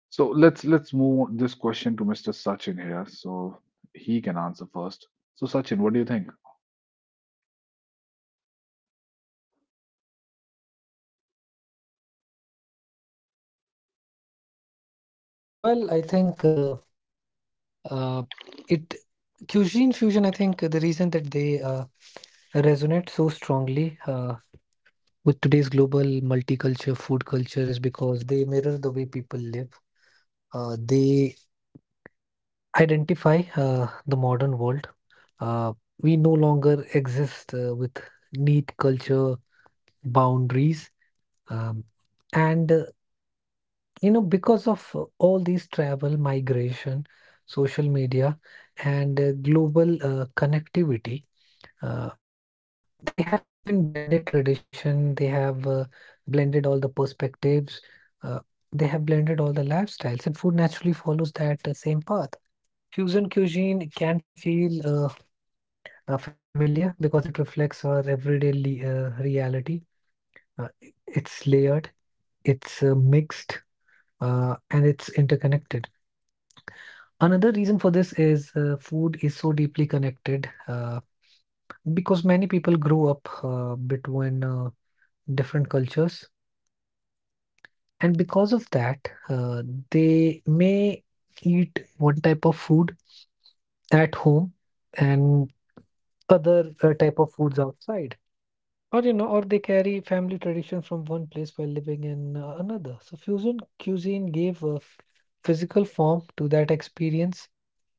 Speaker 1: so let's let's move this question to mister Sachin here so he can answer first. So Sachin, what do you think?
Speaker 3: Well, I think uh, uh, it cuisine fusion. I think the reason that they uh, resonate so strongly uh, with today's global multicultural food culture is because they mirror the way people live. Uh, they identify uh, the modern world. Uh, we no longer exist uh, with neat culture boundaries, um, and uh, you know, because of uh, all these travel, migration, social media, and uh, global uh, connectivity, uh, they have been blended tradition. They have uh, blended all the perspectives. Uh, they have blended all the lifestyles, and food naturally follows that uh, same path. Fusion cuisine can feel uh, uh, familiar because it reflects our everyday le- uh, reality. Uh, it's layered, it's uh, mixed, uh, and it's interconnected. Another reason for this is uh, food is so deeply connected uh, because many people grow up uh, between uh, different cultures, and because of that, uh, they may eat one type of food at home and other uh, type of foods outside. Or, you know, or they carry family tradition from one place while living in uh, another. So fusion cuisine gave a f- physical form to that experience.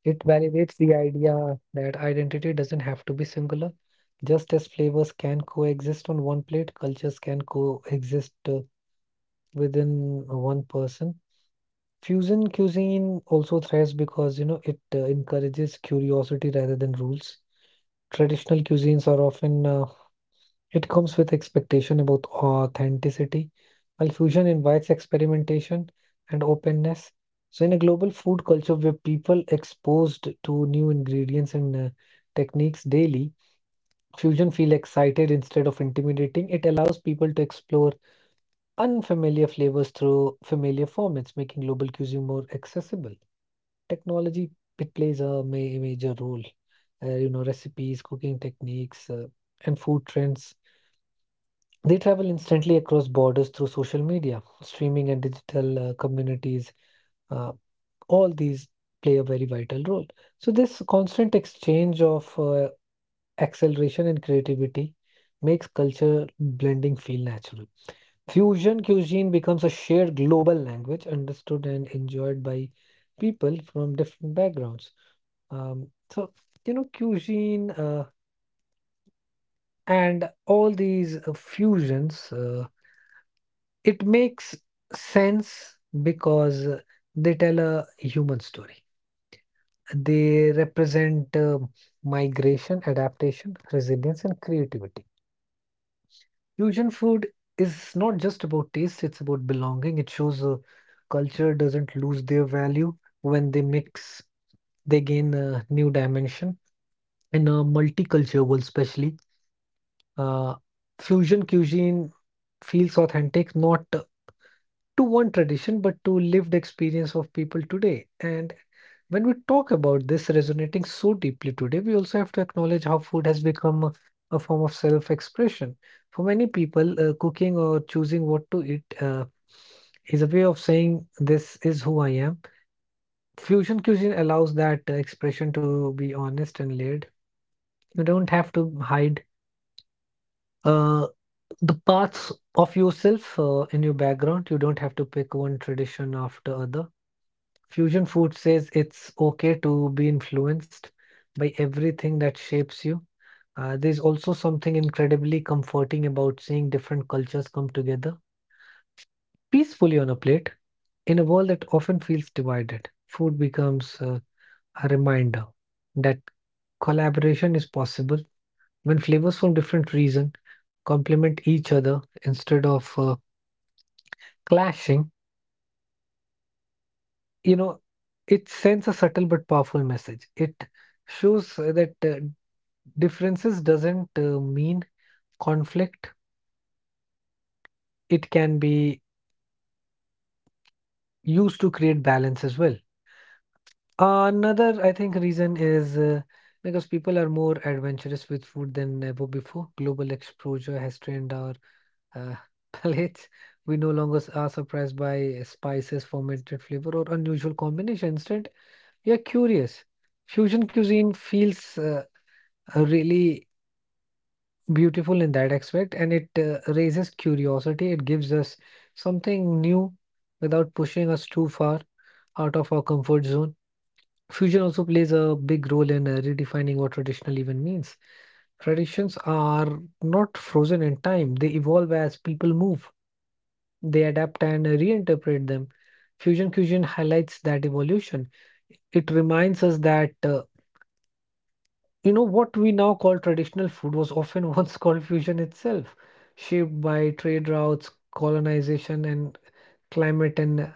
Speaker 3: It validates the idea that identity doesn't have to be singular. Just as flavors can coexist on one plate, cultures can coexist uh, within uh, one person. Fusion cuisine also thrives because, you know, it uh, encourages curiosity rather than rules. Traditional cuisines are often uh, it comes with expectation about authenticity, while fusion invites experimentation and openness. So, in a global food culture where people exposed to new ingredients and uh, techniques daily, fusion feel excited instead of intimidating. It allows people to explore unfamiliar flavors through familiar formats, making global cuisine more accessible. Technology it plays a ma- major role. Uh, you know, recipes, cooking techniques, uh, and food trends they travel instantly across borders through social media, streaming, and digital uh, communities. Uh, all these play a very vital role. So, this constant exchange of uh, acceleration and creativity makes culture blending feel natural. Fusion cuisine becomes a shared global language understood and enjoyed by people from different backgrounds. Um, so, you know, cuisine uh, and all these uh, fusions. Uh, It makes sense because they tell a human story. They represent uh, migration, adaptation, resilience, and creativity. Fusion food is not just about taste, it's about belonging. It shows a culture doesn't lose their value when they mix, they gain a new dimension. In a multicultural world, especially, uh, fusion cuisine feels authentic, not to one tradition but to lived experience of people today. And when we talk about this resonating so deeply today, we also have to acknowledge how food has become a a form of self expression for many people. Uh, cooking or choosing what to eat uh, is a way of saying this is who I am. Fusion cuisine allows that uh, expression to be honest and layered. You don't have to hide uh, the parts of yourself uh, in your background. You don't have to pick one tradition after other. Fusion food says it's okay to be influenced by everything that shapes you. Uh, there's also something incredibly comforting about seeing different cultures come together peacefully on a plate in a world that often feels divided. Food becomes uh, a reminder that collaboration is possible when flavors from different regions complement each other instead of uh, clashing. You know, it sends a subtle but powerful message. It shows uh, that uh, differences doesn't uh, mean conflict. It can be used to create balance as well. Another, I think, reason is uh, because people are more adventurous with food than ever before. Global exposure has trained our uh, palates. We no longer s- are surprised by spices, fermented flavor, or unusual combinations. Instead, we are curious. Fusion cuisine feels uh, uh, really beautiful in that aspect, and it uh, raises curiosity. It gives us something new without pushing us too far out of our comfort zone. Fusion also plays a big role in uh, redefining what traditional even means. Traditions are not frozen in time. They evolve as people move. They adapt and reinterpret them. Fusion cuisine highlights that evolution. It reminds us that uh, you know, what we now call traditional food was often once called fusion itself, shaped by trade routes, colonization, and climate and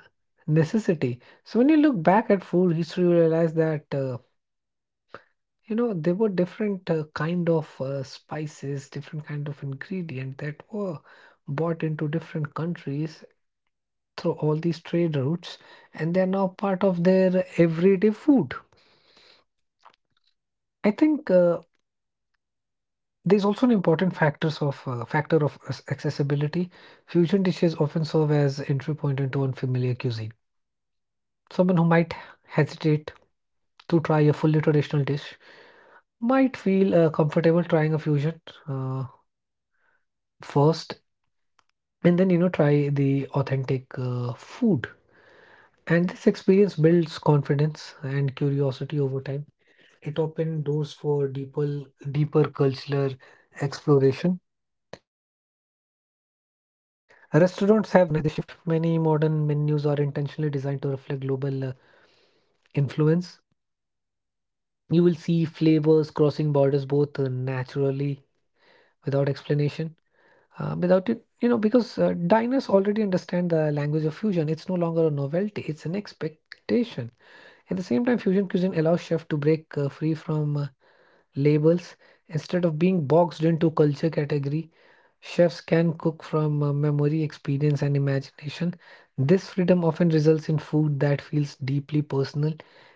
Speaker 3: necessity. So when you look back at food history, you realize that uh, you know, there were different uh, kind of uh, spices, different kind of ingredient that were brought into different countries through all these trade routes, and they are now part of their everyday food. I think. Uh, There's also an important factors of uh, factor of as- accessibility. Fusion dishes often serve as entry point into unfamiliar cuisine. Someone who might hesitate to try a fully traditional dish might feel uh, comfortable trying a fusion uh, first, and then you know, try the authentic uh, food. And this experience builds confidence and curiosity over time. It opens doors for deeper, deeper cultural exploration. Restaurants have recognized this shift. Many modern menus are intentionally designed to reflect global uh, influence. You will see flavors crossing borders both uh, naturally without explanation. Uh, without it, you know, because uh, diners already understand the language of fusion. It's no longer a novelty, it's an expectation. At the same time, fusion cuisine allows chefs to break uh, free from uh, labels instead of being boxed into culture category. Chefs can cook from uh, memory, experience, and imagination. This freedom often results in food that feels deeply personal.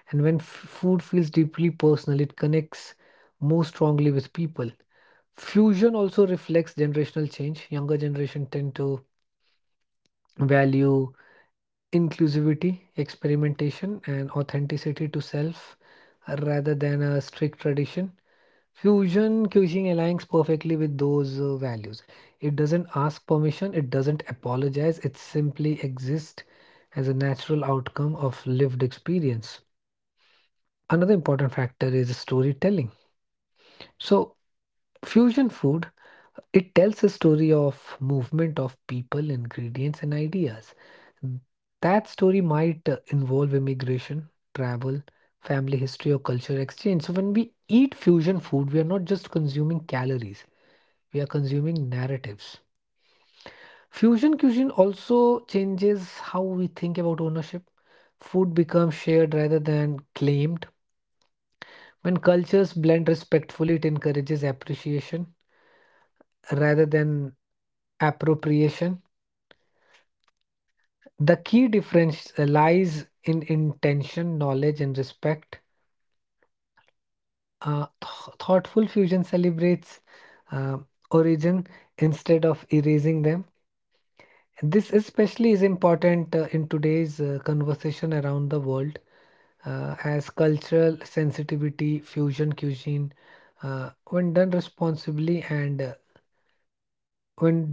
Speaker 3: And when f- food feels deeply personal, it connects more strongly with people. Fusion also reflects generational change. Younger generation tend to value inclusivity, experimentation, and authenticity to self uh, rather than a strict tradition. Fusion cuisine aligns perfectly with those uh, values. It doesn't ask permission, it doesn't apologize, it simply exists as a natural outcome of lived experience. Another important factor is storytelling. So, fusion food it tells a story of movement of people, ingredients, and ideas. Mm, That story might uh, involve immigration, travel, family history, or culture exchange. So, when we eat fusion food, we are not just consuming calories, we are consuming narratives. Fusion cuisine also changes how we think about ownership. Food becomes shared rather than claimed. When cultures blend respectfully, it encourages appreciation rather than appropriation. The key difference uh, lies in intention, knowledge, and respect. Uh, th- thoughtful fusion celebrates uh, origin instead of erasing them. This especially is important uh, in today's uh, conversation around the world, uh, as cultural sensitivity, fusion cuisine, uh, when done responsibly and uh, when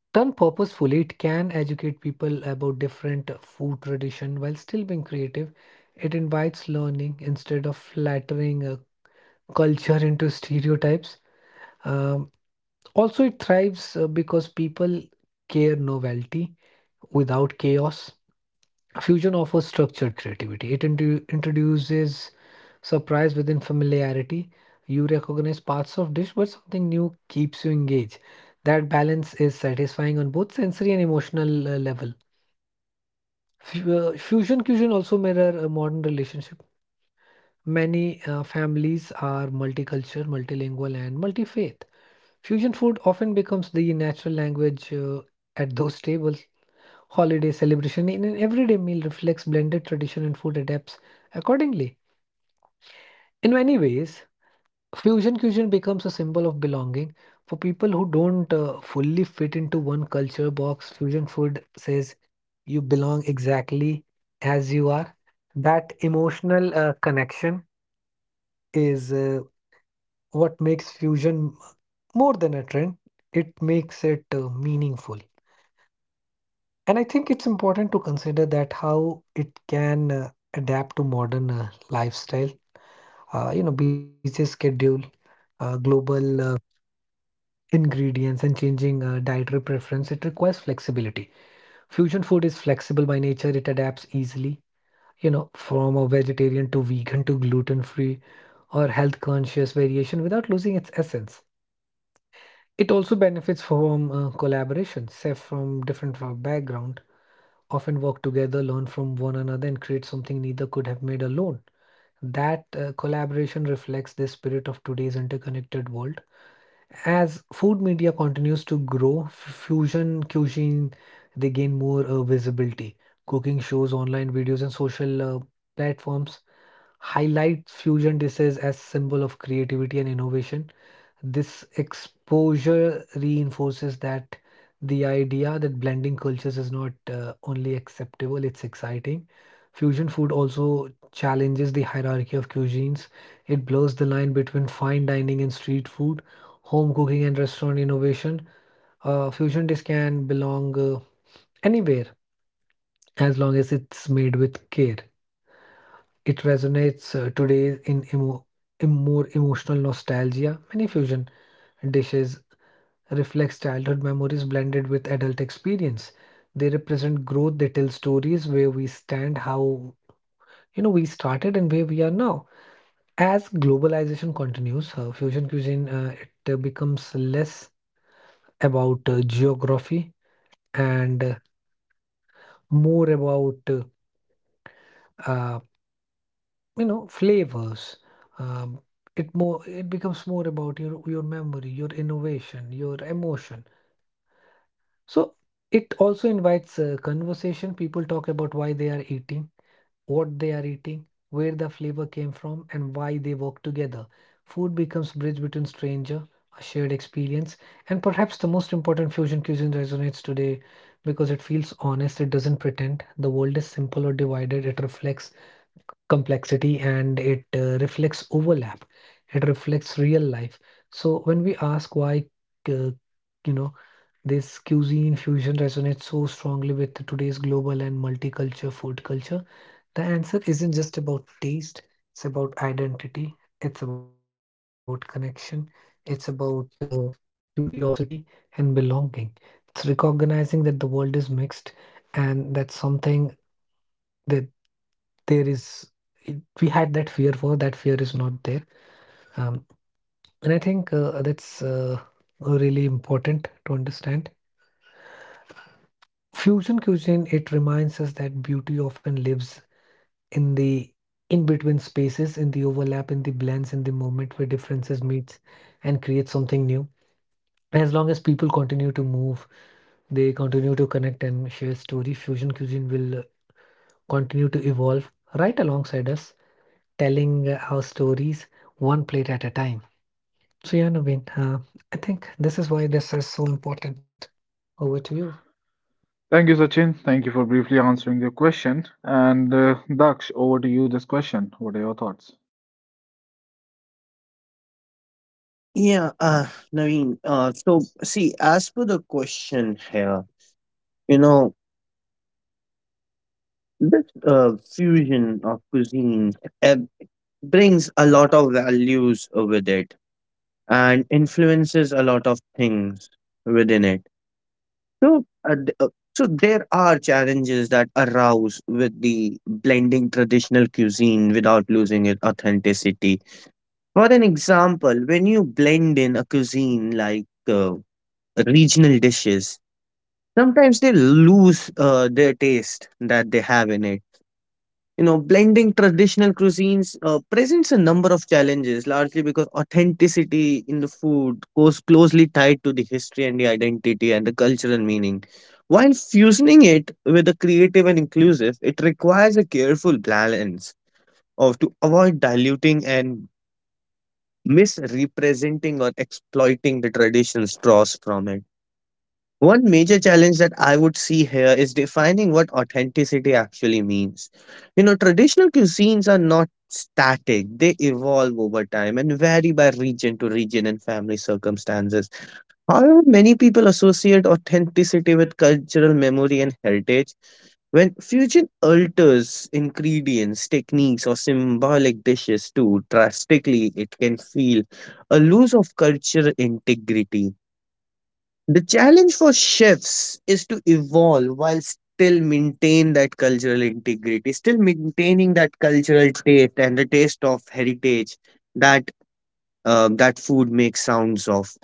Speaker 3: done purposefully, it can educate people about different food tradition while still being creative. It invites learning instead of flattering uh, culture into stereotypes. Um, Also, it thrives uh, because people care novelty without chaos. Fusion offers structured creativity. It indu- introduces surprise within familiarity. You recognize parts of dish, but something new keeps you engaged. That balance is satisfying on both sensory and emotional uh, level. Fu- uh, Fusion cuisine also mirror a modern relationship. Many uh, families are multicultural, multilingual, and multi-faith. Fusion food often becomes the natural language uh, at those tables. Holiday celebration in an everyday meal reflects blended tradition and food adapts accordingly. In many ways, fusion cuisine becomes a symbol of belonging for people who don't uh, fully fit into one culture box. Fusion food says you belong exactly as you are. That emotional uh, connection is uh, what makes fusion more than a trend. It makes it uh, meaningful. And I think it's important to consider that how it can uh, adapt to modern uh, lifestyle. Uh, you know, busy schedule, uh, global uh, ingredients, and changing uh, dietary preference, it requires flexibility. Fusion food is flexible by nature, it adapts easily, you know, from a vegetarian to vegan to gluten free or health conscious variation without losing its essence. It also benefits from uh, collaboration. Chefs from different fa- background often work together, learn from one another, and create something neither could have made alone. That uh, collaboration reflects the spirit of today's interconnected world. As food media continues to grow, f- fusion cuisine they gain more uh, visibility. Cooking shows, online videos, and social uh, platforms highlight fusion dishes as symbol of creativity and innovation. This exposure reinforces that the idea that blending cultures is not uh, only acceptable, it's exciting. Fusion food also challenges the hierarchy of cuisines. It blurs the line between fine dining and street food, home cooking and restaurant innovation. Uh, fusion dish can belong uh, anywhere as long as it's made with care. It resonates uh, today in emo- in more emotional nostalgia. Many fusion dishes reflects childhood memories blended with adult experience. They represent growth, they tell stories where we stand, how you know, we started and where we are now. As globalization continues, uh, fusion cuisine uh, it uh, becomes less about uh, geography and uh, more about uh, uh, you know, flavors. Um, it more it becomes more about your your memory, your innovation, your emotion. So it also invites a conversation. People talk about why they are eating, what they are eating, where the flavor came from, and why they work together. Food becomes bridge between stranger, a shared experience, and perhaps the most important fusion cuisine resonates today because it feels honest, it doesn't pretend. The world is simple or divided, it reflects complexity, and it uh, reflects overlap, it reflects real life. So when we ask why, uh, you know, this cuisine fusion resonates so strongly with today's global and multicultural food culture, the answer isn't just about taste, it's about identity, it's about connection, it's about uh, curiosity and belonging. It's recognizing that the world is mixed, and that something that there is it, we had that fear for that fear is not there. Um, and i think uh, that's uh, really important to understand. Fusion cuisine, it reminds us that beauty often lives in the in between spaces, in the overlap, in the blends, in the moment where differences meet and create something new. As long as people continue to move, they continue to connect and share story, fusion cuisine will continue to evolve right alongside us, telling uh, our stories one plate at a time. So, yeah, Naveen, uh, I think this is why this is so important. Over to you.
Speaker 1: Thank you, Sachin. Thank you for briefly answering the question. And uh, Daksh, over to you this question. What are your thoughts?
Speaker 2: Yeah, uh, Naveen. Uh, so see, as per the question here, you know this uh, fusion of cuisine uh, brings a lot of values uh, with it and influences a lot of things within it. So uh, th- uh, so there are challenges that arouse with the blending traditional cuisine without losing its authenticity. For an example, when you blend in a cuisine like uh, regional dishes, sometimes they lose uh, their taste that they have in it. You know, blending traditional cuisines uh, presents a number of challenges, largely because authenticity in the food goes closely tied to the history and the identity and the cultural meaning. While fusing it with a creative and inclusive, it requires a careful balance of to avoid diluting and misrepresenting or exploiting the traditions draws from it. One major challenge that I would see here is defining what authenticity actually means. You know, traditional cuisines are not static, they evolve over time and vary by region to region and family circumstances. However, many people associate authenticity with cultural memory and heritage. When fusion alters ingredients, techniques, or symbolic dishes too drastically, it can feel a loss of cultural integrity. The challenge for chefs is to evolve while still maintain that cultural integrity, still maintaining that cultural taste and the taste of heritage that uh, that food makes sounds of.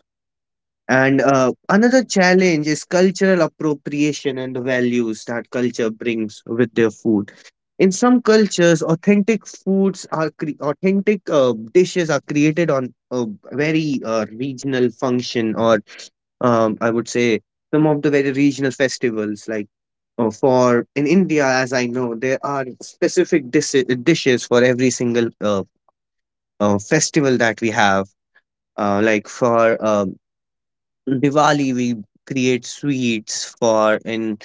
Speaker 2: And uh, another challenge is cultural appropriation and the values that culture brings with their food. In some cultures, authentic foods are cre- authentic uh, dishes are created on a very uh, regional function or um, I would say some of the very regional festivals, like uh, for in India, as I know, there are specific dis- dishes for every single uh, uh, festival that we have. Uh, like for um, Diwali we create sweets for in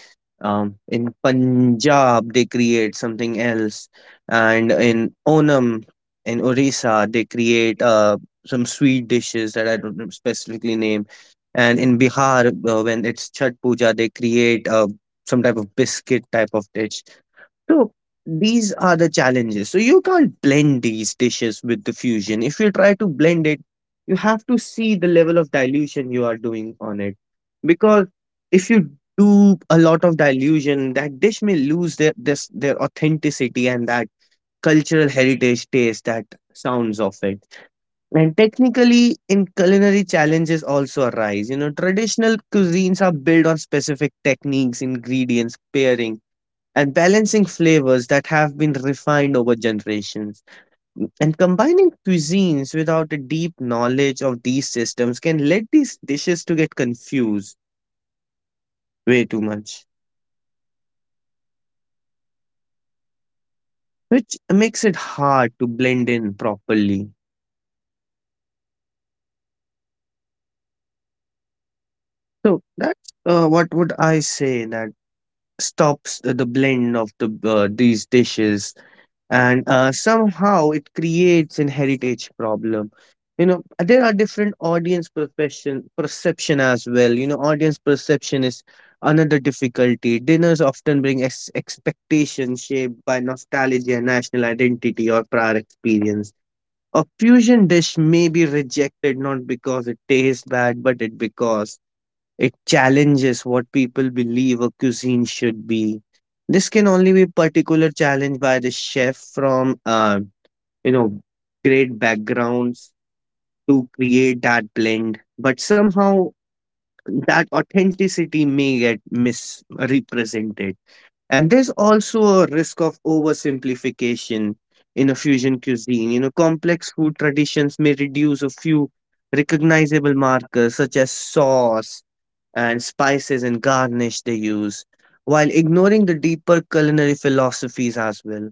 Speaker 2: um, in Punjab they create something else, and in Onam in Orissa they create uh, some sweet dishes that I don't know specifically name, and in Bihar uh, when it's Chhat Puja they create uh, some type of biscuit type of dish. So these are the challenges. So you can't blend these dishes with the fusion. If you try to blend it, you have to see the level of dilution you are doing on it. Because if you do a lot of dilution, that dish may lose their this their authenticity and that cultural heritage taste that sounds of it. And technically in culinary challenges also arise. You know, traditional cuisines are built on specific techniques, ingredients, pairing and balancing flavors that have been refined over generations. And combining cuisines without a deep knowledge of these systems can let these dishes to get confused way too much, which makes it hard to blend in properly. So that's uh, what would I say that stops the blend of the uh, these dishes and uh, somehow it creates an heritage problem. You know uh, there are different audience perception perception as well. You know audience perception is another difficulty. Dinners often bring ex- expectations shaped by nostalgia, national identity or prior experience. A fusion dish may be rejected not because it tastes bad but it because it challenges what people believe a cuisine should be. This can only be particular challenged by the chef from uh, you know great backgrounds to create that blend. But somehow that authenticity may get misrepresented. And there's also a risk of oversimplification in a fusion cuisine. You know, complex food traditions may reduce a few recognizable markers such as sauce and spices and garnish they use, while ignoring the deeper culinary philosophies as well.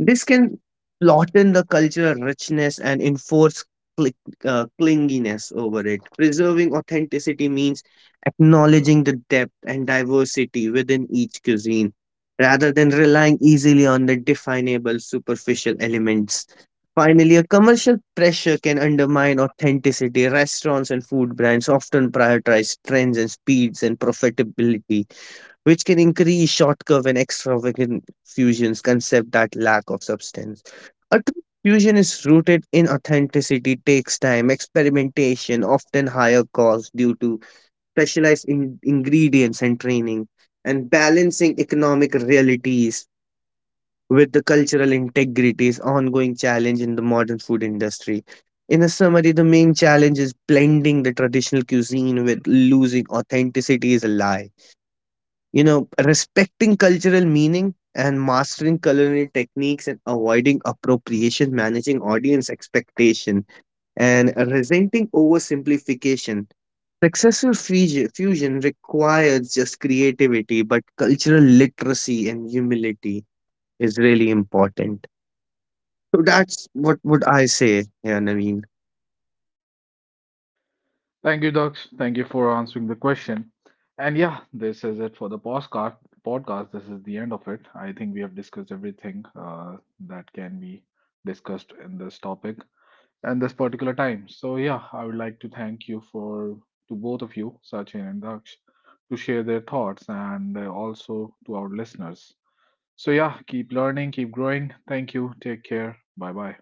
Speaker 2: This can flatten the cultural richness and enforce cli- uh, clinginess over it. Preserving authenticity means acknowledging the depth and diversity within each cuisine rather than relying easily on the definable superficial elements. Finally, a commercial pressure can undermine authenticity. Restaurants and food brands often prioritize trends and speeds and profitability which can increase short curve and extravagant fusions concept that lack of substance. A true fusion is rooted in authenticity, takes time, experimentation, often higher cost due to specialized in- ingredients and training, and balancing economic realities with the cultural integrity is ongoing challenge in the modern food industry. In a summary, the main challenge is blending the traditional cuisine with losing authenticity is a lie. You know, respecting cultural meaning and mastering culinary techniques and avoiding appropriation, managing audience expectation, and resenting oversimplification. Successful fusi- fusion requires just creativity, but cultural literacy and humility is really important. So that's what would I say, yeah, Naveen.
Speaker 1: Thank you, Daksh. Thank you for answering the question. And yeah, this is it for the postcard podcast. This is the end of it. I think we have discussed everything uh, that can be discussed in this topic and this particular time. So yeah, I would like to thank you for, to both of you, Sachin and Daksh, to share their thoughts, and uh, also to our listeners. So, yeah, keep learning, keep growing. Thank you. Take care. Bye bye.